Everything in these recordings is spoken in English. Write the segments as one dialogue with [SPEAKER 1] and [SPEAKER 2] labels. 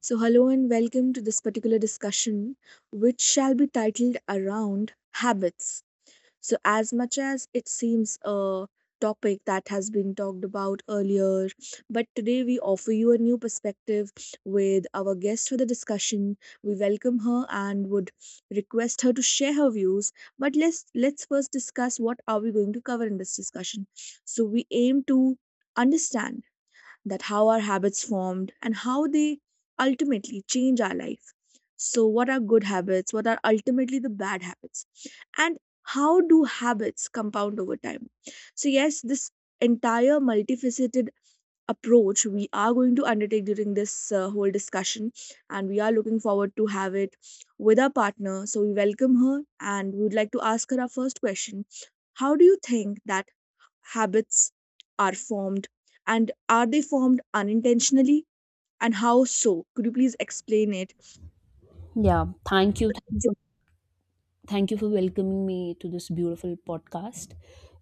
[SPEAKER 1] So, hello and welcome to this particular discussion, which shall be titled around habits. So, as much as it seems a topic that has been talked about earlier, but today we offer you a new perspective with our guest for the discussion. We welcome her and would request her to share her views. But let's first discuss what are we going to cover in this discussion. So, we aim to understand that how our habits formed and how they ultimately change our life. So, what are good habits? What are ultimately the bad habits? And how do habits compound over time? So, yes, this entire multifaceted approach we are going to undertake during this whole discussion, and we are looking forward to have it with our partner. So, we welcome her and we would like to ask her our first question. How do you think that habits are formed, and are they formed unintentionally, and how so? Could you please explain it?
[SPEAKER 2] Yeah, thank you. Thank you for welcoming me to this beautiful podcast.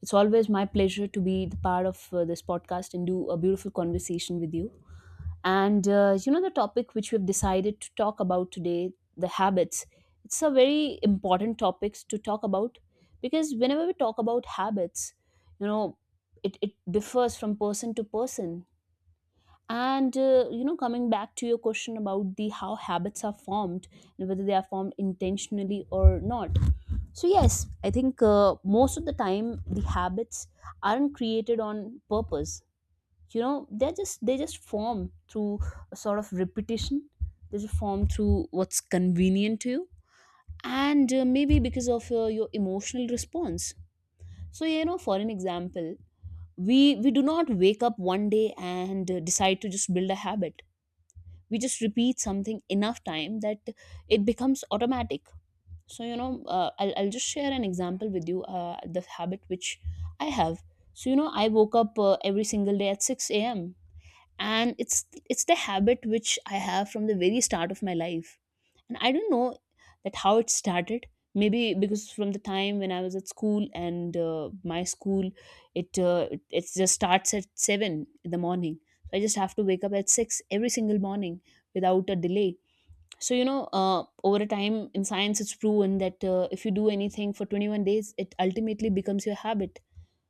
[SPEAKER 2] It's always my pleasure to be the part of this podcast and do a beautiful conversation with you. And the topic which we've decided to talk about today, the habits, it's a very important topic to talk about, because whenever we talk about habits, you know, it differs from person to person. And coming back to your question about the how habits are formed and whether they are formed intentionally or not, so yes, I think most of the time the habits aren't created on purpose. They just form through a sort of repetition. They just form through what's convenient to you, and maybe because of your emotional response. So for an example, we do not wake up one day and decide to just build a habit. We just repeat something enough time that it becomes automatic. So I'll just share an example with you, the habit which I have. So I woke up every single day at 6 a.m., and it's the habit which I have from the very start of my life, and I don't know that how it started. Maybe because from the time when I was at school, and my school, it just starts at 7 in the morning, so I just have to wake up at 6 every single morning without a delay. So over a time in science it's proven that if you do anything for 21 days it ultimately becomes your habit.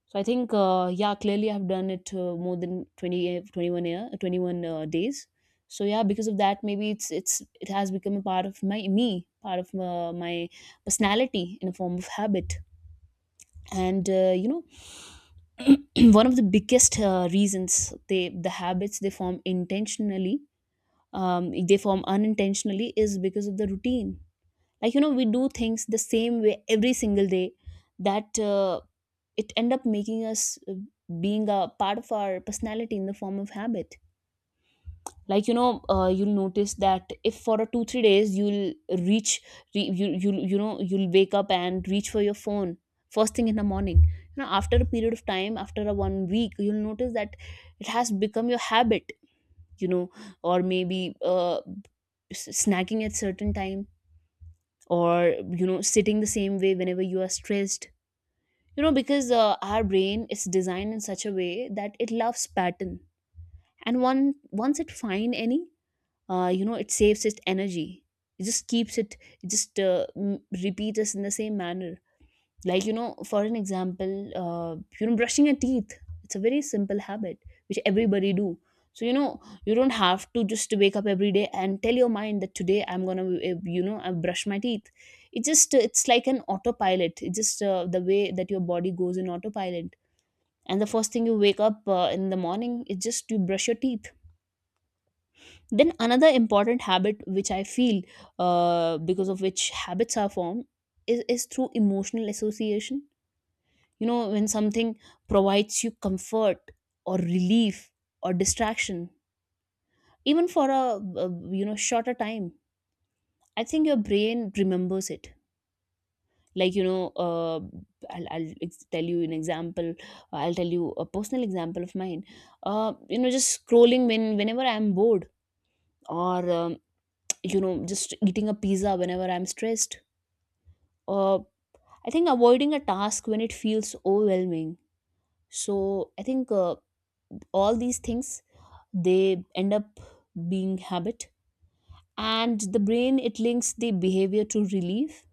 [SPEAKER 2] So I think, yeah, clearly I've done it more than 20, 21 days. So yeah, because of that, maybe it's it has become a part of part of my personality in a form of habit. And one of the biggest reasons, they the habits they form intentionally, they form unintentionally, is because of the routine. Like we do things the same way every single day. That it end up making us being a part of our personality in the form of habit. Like you'll notice that if for a two three days you'll reach, you'll wake up and reach for your phone first thing in the morning. After a period of time, after a one week, you'll notice that it has become your habit, you know or maybe snacking at certain time, or sitting the same way whenever you are stressed, because our brain is designed in such a way that it loves pattern, and one once it find any, it saves its energy, it just keeps it, it just repeats us in the same manner. Like for an example, brushing your teeth, it's a very simple habit which everybody do. So you don't have to just wake up every day and tell your mind that today I'm gonna, I brush my teeth. It just it's like an autopilot. It just the way that your body goes in autopilot, and the first thing you wake up in the morning is just to brush your teeth. Then another important habit which I feel because of which habits are formed is through emotional association. When something provides you comfort, or relief, or distraction, even for a, shorter time, I think your brain remembers it. Like tell you an example, I'll tell you a personal example of mine. Just scrolling when whenever I'm bored, or just eating a pizza whenever I'm stressed. Or I think avoiding a task when it feels overwhelming. So I think all these things, they end up being habit, and the brain, it links the behavior to relief,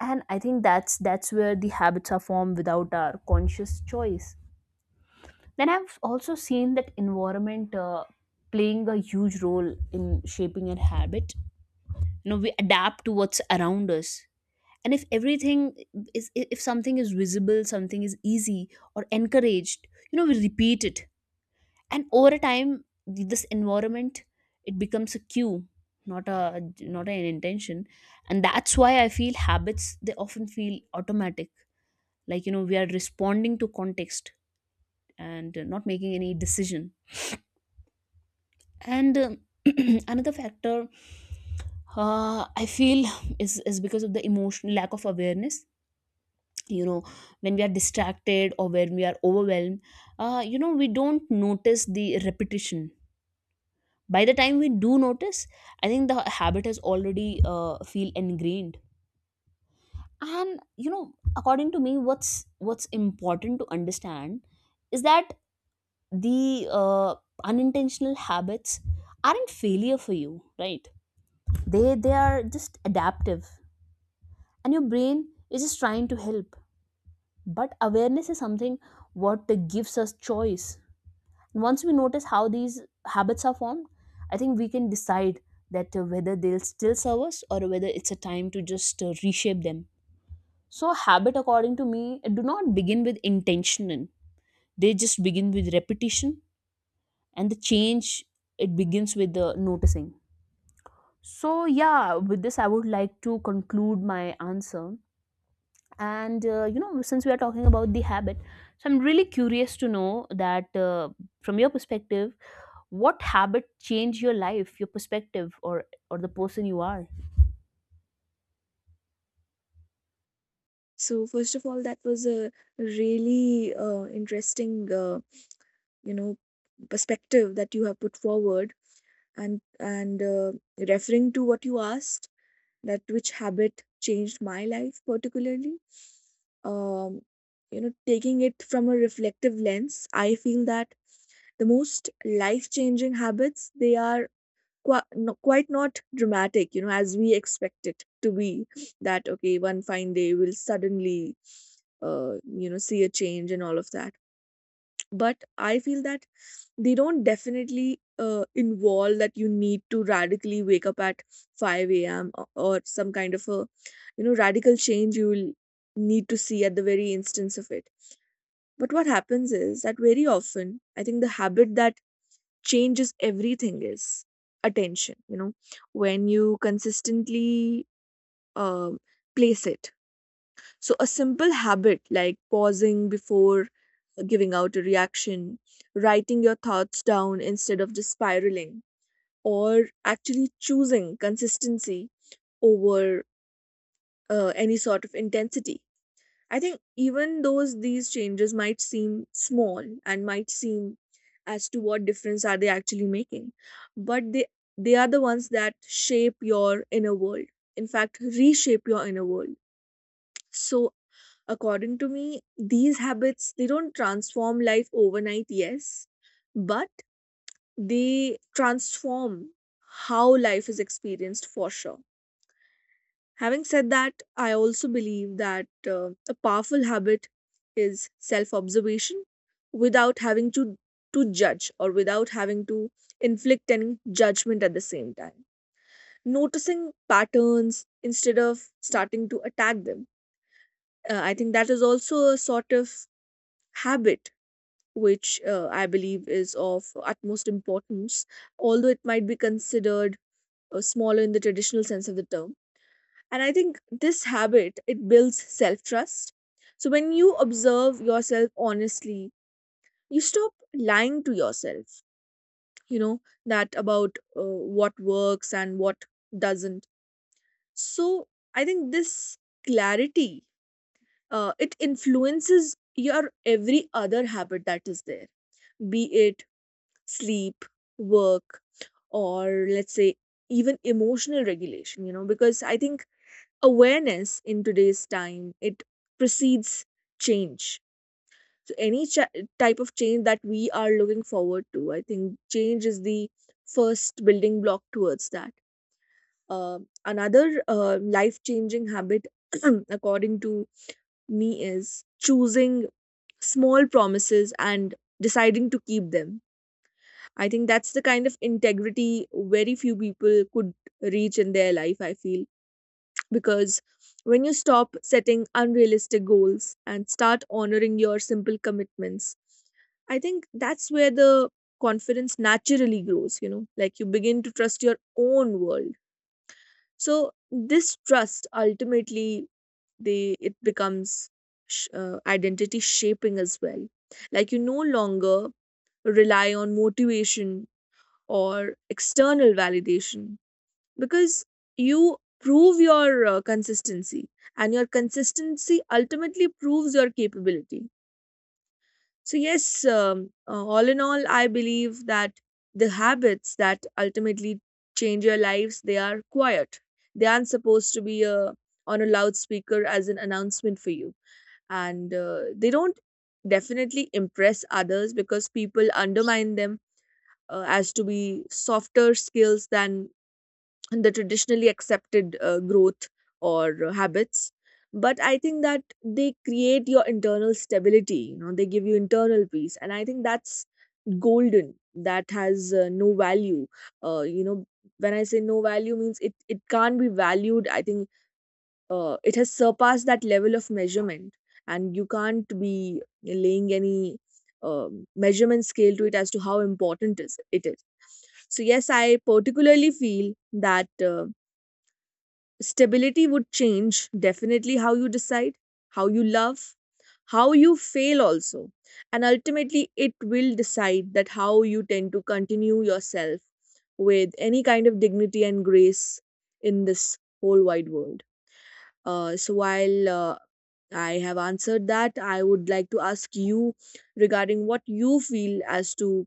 [SPEAKER 2] and I think that's where the habits are formed without our conscious choice. Then I've also seen that environment playing a huge role in shaping our habit. You know, we adapt to what's around us. And if something is visible, something is easy or encouraged, we repeat it. And over time, this environment, it becomes a cue, not an intention. And that's why I feel habits, they often feel automatic. Like, you know, we are responding to context and not making any decision, and another factor, I feel, is because of the emotion lack of awareness. you know when we are distracted or when we are overwhelmed, we don't notice the repetition. By the time we do notice, I think the habit has already feel ingrained. And according to me, what's important to understand is that the unintentional habits aren't failure for you, right? They are just adaptive, and your brain is just trying to help. But awareness is something what gives us choice, and once we notice how these habits are formed, I think we can decide that whether they'll still serve us or whether it's a time to just reshape them. So habit according to me do not begin with intention, they just begin with repetition, and the change, it begins with the noticing. So yeah, with this I would like to conclude my answer. And since we are talking about the habit, so I'm really curious to know that, from your perspective, what habit changed your life, your perspective, or the person you are.
[SPEAKER 1] So, first of all, that was a really interesting, you know perspective that you have put forward. And referring to what you asked, that which habit changed my life particularly. um Taking it from a reflective lens, I feel that the most life changing habits, they are no, quite not dramatic, you know, as we expect it to be, that okay one fine day we'll suddenly see a change and all of that. But I feel that they don't definitely involve that you need to radically wake up at 5 a.m or some kind of a, you know, radical change you will need to see at the very instance of it. But what happens is that very often I think the habit that changes everything is attention, when you consistently um, place it. So, a simple habit like pausing before giving out a reaction, writing your thoughts down instead of just spiraling, or actually choosing consistency over any sort of intensity. I think even those these changes might seem small and might seem as to what difference are they actually making, but they are the ones that shape your inner world. In fact, reshape your inner world. So, according to me, these habits, they don't transform life overnight, yes, but they transform how life is experienced for sure. Having said that, I also believe that a powerful habit is self observation, without having to judge or without having to inflict any judgment at the same time. Noticing patterns instead of starting to attack them. I think that is also a sort of habit which, I believe, is of utmost importance, although it might be considered smaller in the traditional sense of the term. And I think this habit, it builds self trust. So, when you observe yourself honestly, you stop lying to yourself you know that about what works and what doesn't. So, I think this clarity, it influences your every other habit that is there, be it sleep, work, or let's say even emotional regulation. You know because I think awareness in today's time, it precedes change. So, any type of change that we are looking forward to, I think change is the first building block towards that. uh, Another life changing habit, according to me, is choosing small promises and deciding to keep them. I think that's the kind of integrity very few people could reach in their life, I feel, because when you stop setting unrealistic goals and start honoring your simple commitments, I think that's where the confidence naturally grows, like you begin to trust your own world. So, this trust ultimately, they it becomes identity shaping as well. Like you no longer rely on motivation or external validation because you prove your consistency, and your consistency ultimately proves your capability. So, yes, all in all, I believe that the habits that ultimately change your lives, they are quiet. They aren't supposed to be on a loudspeaker as an announcement for you, and they don't definitely impress others because people undermine them, as to be softer skills than the traditionally accepted growth or habits. But I think that they create your internal stability. They give you internal peace, and I think that's golden, that has no value. Uh, you know when I say no value means it can't be valued, I think. It has surpassed that level of measurement, and you can't be laying any measurement scale to it as to how important is it is. So, yes, I particularly feel that stability would change definitely how you decide, how you love, how you fail also. And ultimately it will decide that how you tend to continue yourself with any kind of dignity and grace in this whole wide world. So, while I have answered that, I would like to ask you regarding what you feel as to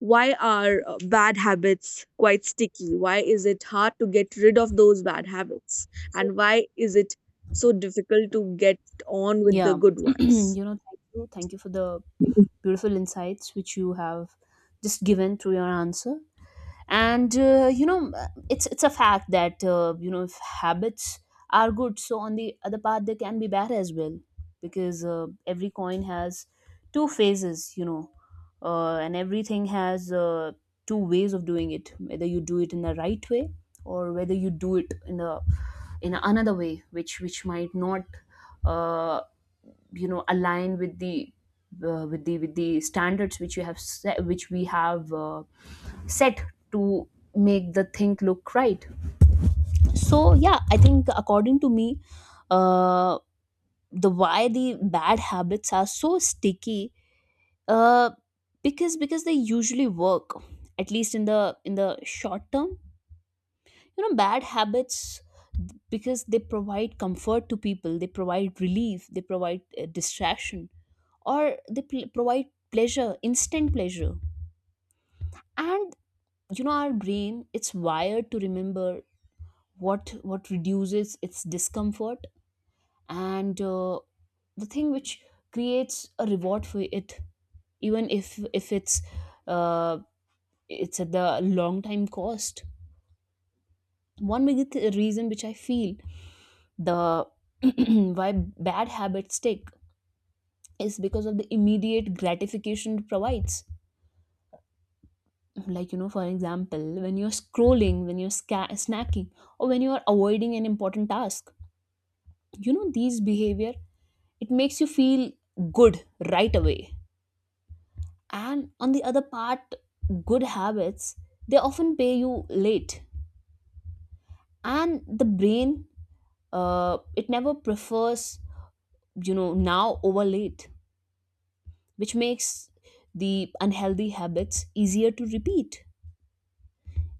[SPEAKER 1] why are bad habits quite sticky? Why is it hard to get rid of those bad habits? And why is it so difficult to get on with the
[SPEAKER 2] Yeah,
[SPEAKER 1] good ones?
[SPEAKER 2] you know, thank you for the beautiful insights which you have just given through your answer. And it's a fact that if habits are good, so on the other part they can be bad as well, because every coin has two phases, and everything has two ways of doing it, whether you do it in the right way, or whether you do it in a, in another way which might not, uh, align with the with the standards which you have set, which we have set to make the thing look right. So yeah, I think according to me, uh the why the bad habits are so sticky, uh because they usually work, at least in the short term. Bad habits, because they provide comfort to people, they provide relief, they provide distraction, or they provide pleasure, instant pleasure. And our brain, it's wired to remember what reduces its discomfort, and the thing which creates a reward for it, even if it's uh, it's at the long time cost. One big reason which I feel, the why bad habits stick, is because of the immediate gratification it provides. Like for example, when you're scrolling, when you're snacking, or when you are avoiding an important task. These behavior, it makes you feel good right away. And on the other part, good habits, they often pay you late, and the brain, it never prefers, you know, now over late, which makes the unhealthy habits easier to repeat.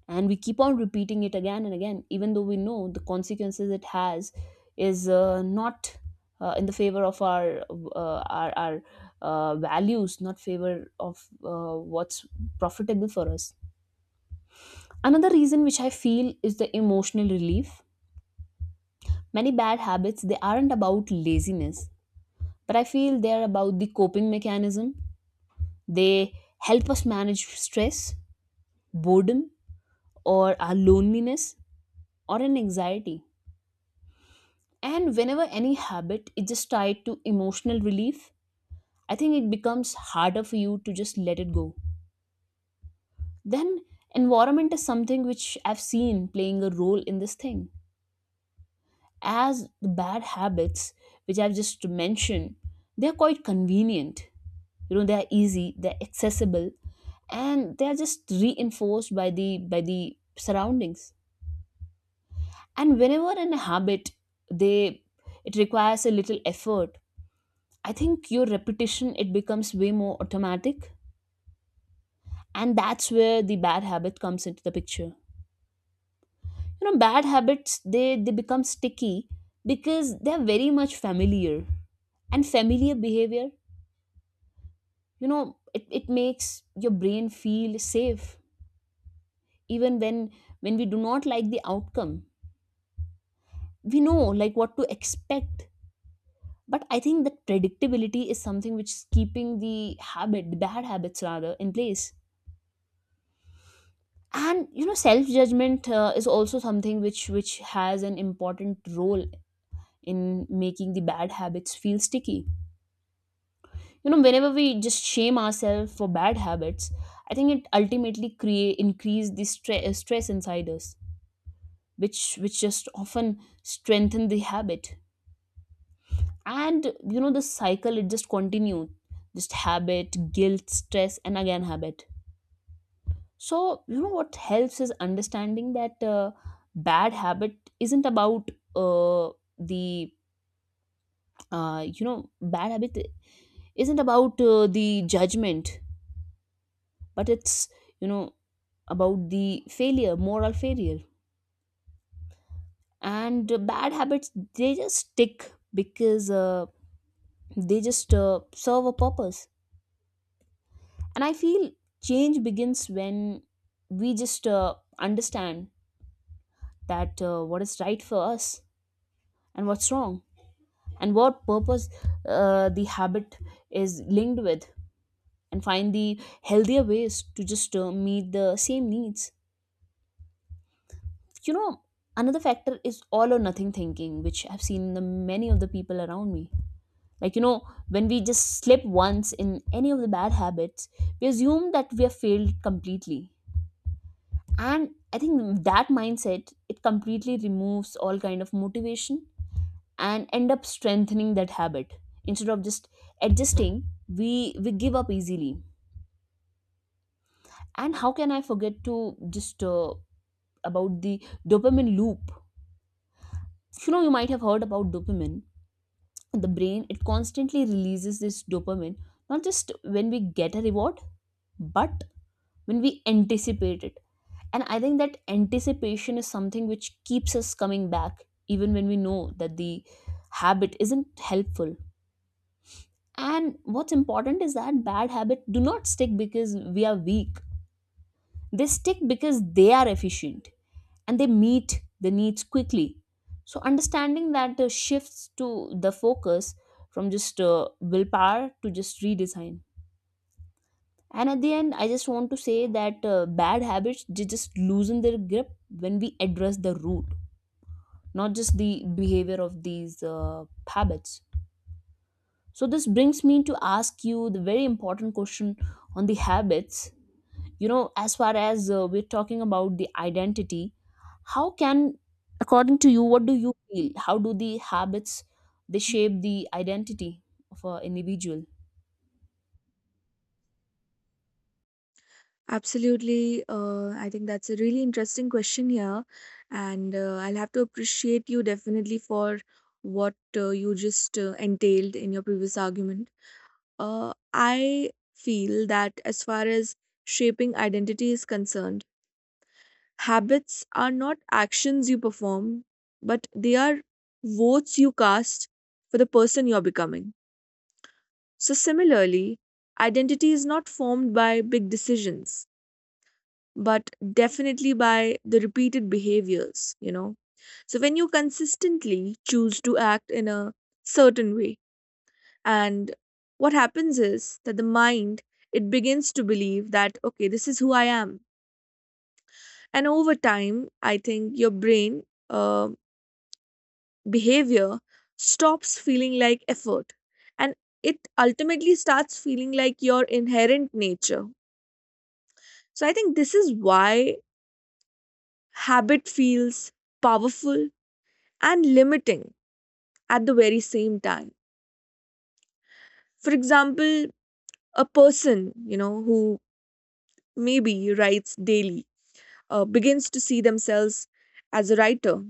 [SPEAKER 2] And we keep on repeating it again and again, even though we know the consequences it has is not, in the favor of our values, not favor of what's profitable for us. Another reason which I feel is the emotional relief. Many bad habits, they aren't about laziness, but I feel they're about the coping mechanism. They help us manage stress, boredom, or our loneliness, or an anxiety. And whenever any habit is just tied to emotional relief, I think it becomes harder for you to just let it go. Then, environment is something which I've seen playing a role in this thing. As the bad habits, which I've just mentioned, they're quite convenient. You know, they're easy, they're accessible, and they're just reinforced by the surroundings. And whenever in a habit, they it requires a little effort, I think your repetition, it becomes way more automatic, and that's where the bad habit comes into the picture. You know, bad habits they become sticky because they're very much familiar, and familiar behavior, it makes your brain feel safe, even when we do not like the outcome. We know like what to expect, but I think that predictability is something which is keeping the habit the bad habits rather in place. And you know, self judgment is also something which has an important role in making the bad habits feel sticky. You know, whenever we just shame ourselves for bad habits, I think it ultimately create increase the stress inside us, which just often strengthen the habit. And you know, the cycle it just continue, just habit, guilt, stress, and again habit. So, you know, what helps is understanding that bad habit isn't about uh, the, you know, bad habit isn't about the judgment, but it's, you know, about the failure, moral failure. And bad habits, they just stick because they just serve a purpose. And I feel change begins when we just understand that what is right for us and what's wrong, and what purpose the habit is linked with, and find the healthier ways to just meet the same needs. You know, another factor is all or nothing thinking, which I've seen in the many of the people around me. Like you know, when we just slip once in any of the bad habits, we assume that we have failed completely. And I think that mindset it completely removes all kind of motivation and end up strengthening that habit. Instead of just adjusting, we give up easily. And how can I forget to just about the dopamine loop. You know, you might have heard about dopamine. The brain it constantly releases this dopamine, not just when we get a reward, but when we anticipate it. And I think that anticipation is something which keeps us coming back, even when we know that the habit isn't helpful. And what's important is that bad habits do not stick because we are weak. They stick because they are efficient and they meet the needs quickly. So, understanding that shifts to the focus from just willpower to just redesign. And at the end, I just want to say that bad habits they just loosen their grip when we address the root, not just the behavior of these habits. So, this brings me to ask you the very important question on the habits. You know, as far as we're talking about the identity, how can, according to you, what do you feel, how do the habits they shape the identity of an individual?
[SPEAKER 1] Absolutely. I think that's a really interesting question here. And I'll have to appreciate you definitely for what you just entailed in your previous argument. I feel that as far as shaping identity is concerned, habits are not actions you perform, but they are votes you cast for the person you're becoming. So, similarly, identity is not formed by big decisions, but definitely by the repeated behaviors. So, when you consistently choose to act in a certain way, and what happens is that the mind, it begins to believe that okay this is who I am. And over time, I think your brain, um behavior, stops feeling like effort, and it ultimately starts feeling like your inherent nature. So, I think this is why habit feels powerful and limiting at the very same time. For example, a person, who maybe writes daily begins to see themselves as a writer,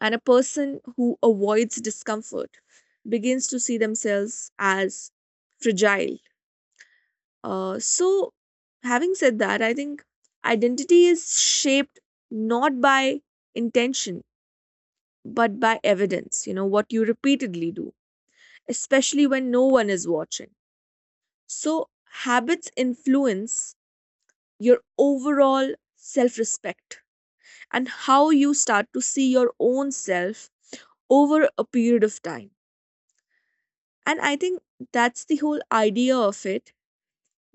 [SPEAKER 1] and a person who avoids discomfort begins to see themselves as fragile. So, having said that, I think identity is shaped not by intention, but by evidence, what you repeatedly do, especially when no one is watching. So, habits influence your overall self respect and how you start to see your own self over a period of time. And I think that's the whole idea of it,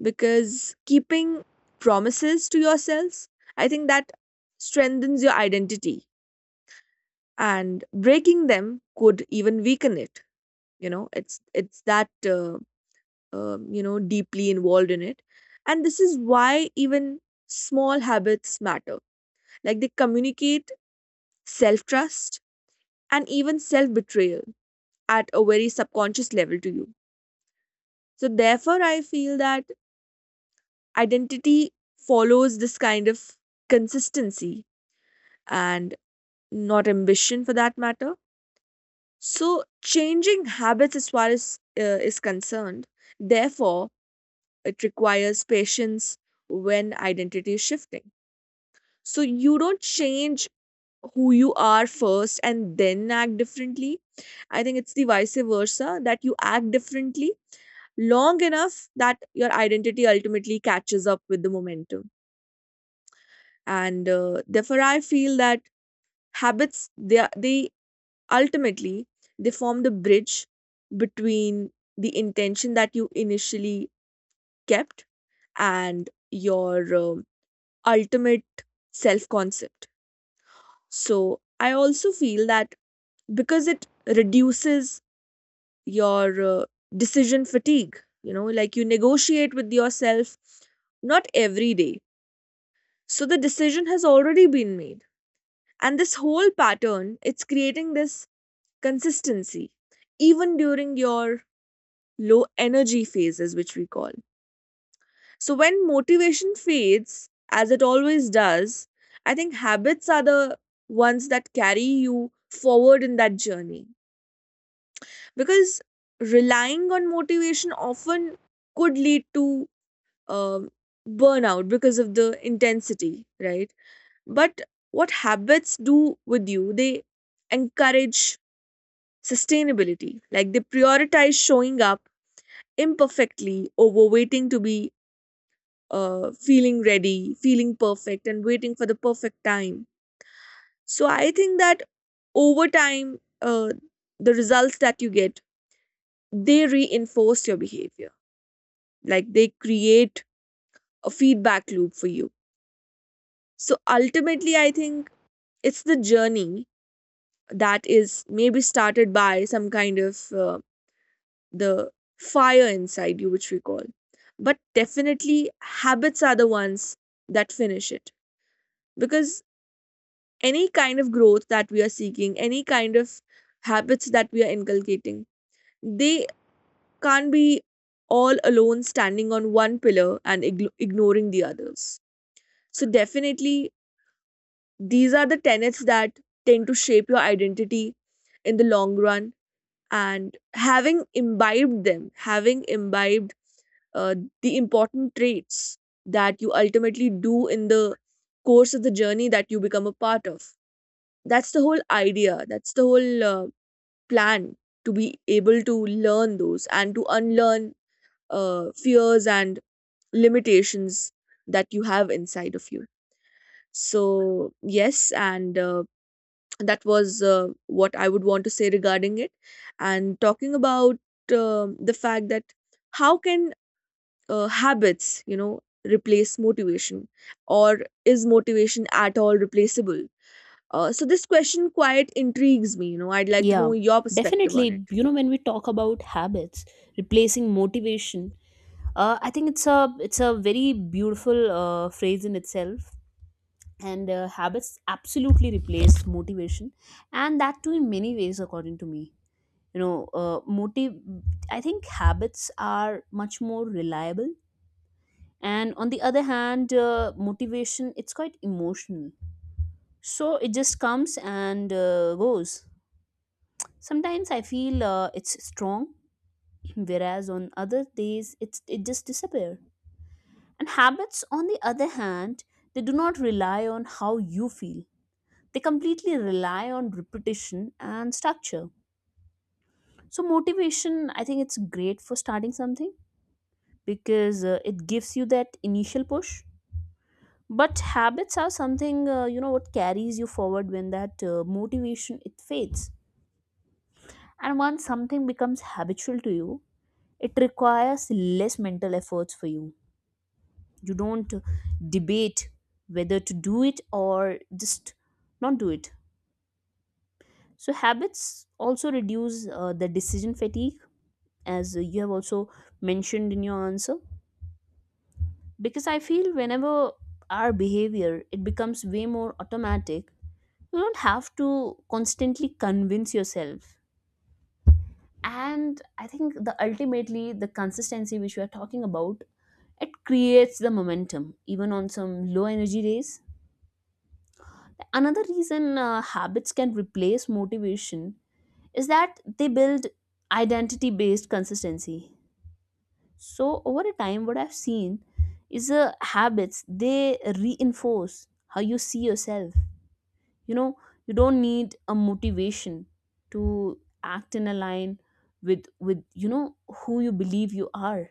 [SPEAKER 1] because keeping promises to yourselves, I think that strengthens your identity, and breaking them could even weaken it. It's that deeply involved in it, and this is why even small habits matter. Like they communicate self trust and even self betrayal at a very subconscious level to you. So therefore, I feel that identity follows this kind of consistency and not ambition for that matter. So, changing habits, as far as is concerned, therefore, it requires patience when identity is shifting. So, you don't change who you are first and then act differently. I think it's the vice versa, that you act differently long enough that your identity ultimately catches up with the momentum. And therefore, I feel that habits they, are- they Ultimately, they form the bridge between the intention that you initially kept and your ultimate self concept. So, I also feel that because it reduces your decision fatigue, like you negotiate with yourself not every day. So, the decision has already been made. And this whole pattern, it's creating this consistency even during your low energy phases, which we call. So, when motivation fades, as it always does, I think habits are the ones that carry you forward in that journey. Because relying on motivation often could lead to um, burnout because of the intensity, right? But what habits do with you, they encourage sustainability. Like they prioritize showing up imperfectly over waiting to be feeling ready, feeling perfect, and waiting for the perfect time. So, I think that over time, the results that you get, they reinforce your behavior. Like they create a feedback loop for you. So ultimately, I think it's the journey that is maybe started by some kind of the fire inside you, which we call. But definitely, habits are the ones that finish it, because any kind of growth that we are seeking, any kind of habits that we are inculcating, they can't be all alone standing on one pillar and ignoring the others. So, definitely, these are the tenets that tend to shape your identity in the long run. And having imbibed them, having imbibed uh, the important traits that you ultimately do in the course of the journey that you become a part of. That's the whole idea. That's the whole plan to be able to learn those and to unlearn fears and limitations that you have inside of you. So, yes, and that was what I would want to say regarding it. And talking about the fact that how can habits replace motivation, or is motivation at all replaceable? So, this question quite intrigues me. I'd like to
[SPEAKER 2] Yeah,
[SPEAKER 1] know your perspective on it.
[SPEAKER 2] definitely. You know, when we talk about habits replacing motivation, I think it's a very beautiful phrase in itself. And habits absolutely replace motivation, and that too in many ways according to me. You know uh, motive I think habits are much more reliable, and on the other hand, motivation it's quite emotional. So it just comes and goes. Sometimes I feel it's strong, whereas on other days it just disappear. And habits on the other hand, they do not rely on how you feel. They completely rely on repetition and structure. So motivation, I think it's great for starting something, because it gives you that initial push. But habits are something, you know, what carries you forward when that motivation it fades. And once something becomes habitual to you, it requires less mental efforts for you. You don't debate whether to do it or just not do it. So habits also reduce the decision fatigue, as you have also mentioned in your answer. Because I feel whenever our behavior it becomes way more automatic, you don't have to constantly convince yourself. And I think the ultimately the consistency which we are talking about, it creates the momentum even on some low energy days. Another reason habits can replace motivation is that they build identity based consistency. So over a time, what I've seen is habits they reinforce how you see yourself. You know, you don't need a motivation to act in a line with you know, who you believe you are.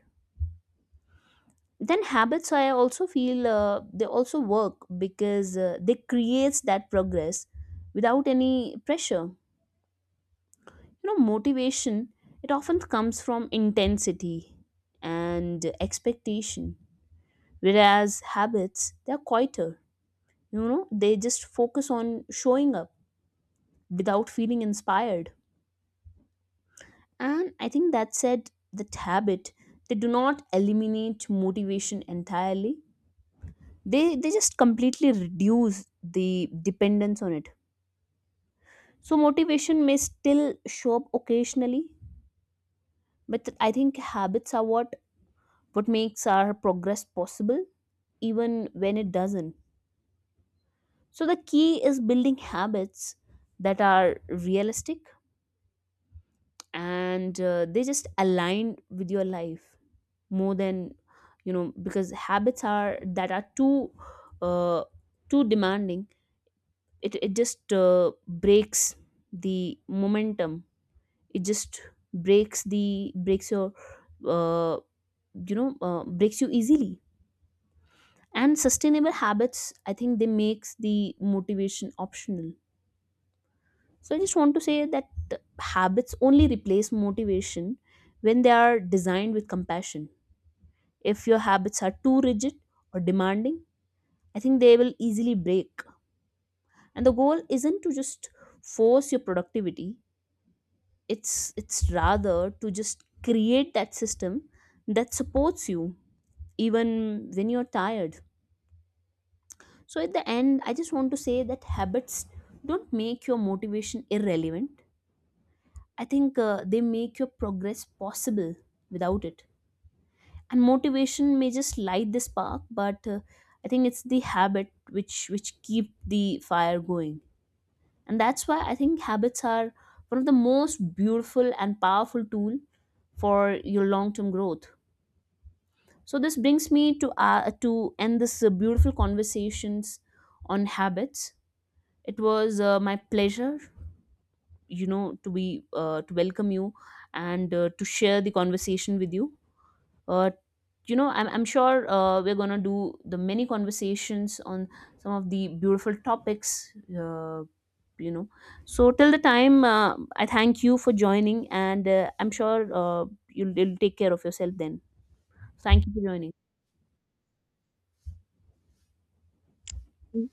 [SPEAKER 2] Then habits, I also feel they also work because they creates that progress without any pressure. You know, motivation it often comes from intensity and expectation, whereas habits they're quieter. You know, they just focus on showing up without feeling inspired. And I think that said, that habit, they do not eliminate motivation entirely. They just completely reduce the dependence on it. So motivation may still show up occasionally, but I think habits are what makes our progress possible, even when it doesn't. So the key is building habits that are realistic and they just align with your life, more than, you know, because habits are that are too uh, too demanding, it just breaks the momentum. It just breaks your uh, breaks you easily. And sustainable habits, I think they makes the motivation optional. So I just want to say that habits only replace motivation when they are designed with compassion. If your habits are too rigid or demanding, I think they will easily break. And the goal isn't to just force your productivity. It's rather to just create that system that supports you even when you're tired. So at the end, I just want to say that habits don't make your motivation irrelevant. I think they make your progress possible without it. And motivation may just light the spark, but I think it's the habit which keep the fire going. And that's why I think habits are one of the most beautiful and powerful tool for your long term growth. So this brings me to end this beautiful conversations on habits. It was my pleasure, you know, to be to welcome you, and to share the conversation with you. uh, you know, I'm sure we're going to do the many conversations on some of the beautiful topics. uh, you know so till the time, I thank you for joining. And I'm sure you'll take care of yourself then. Thank you for joining.
[SPEAKER 1] Mm.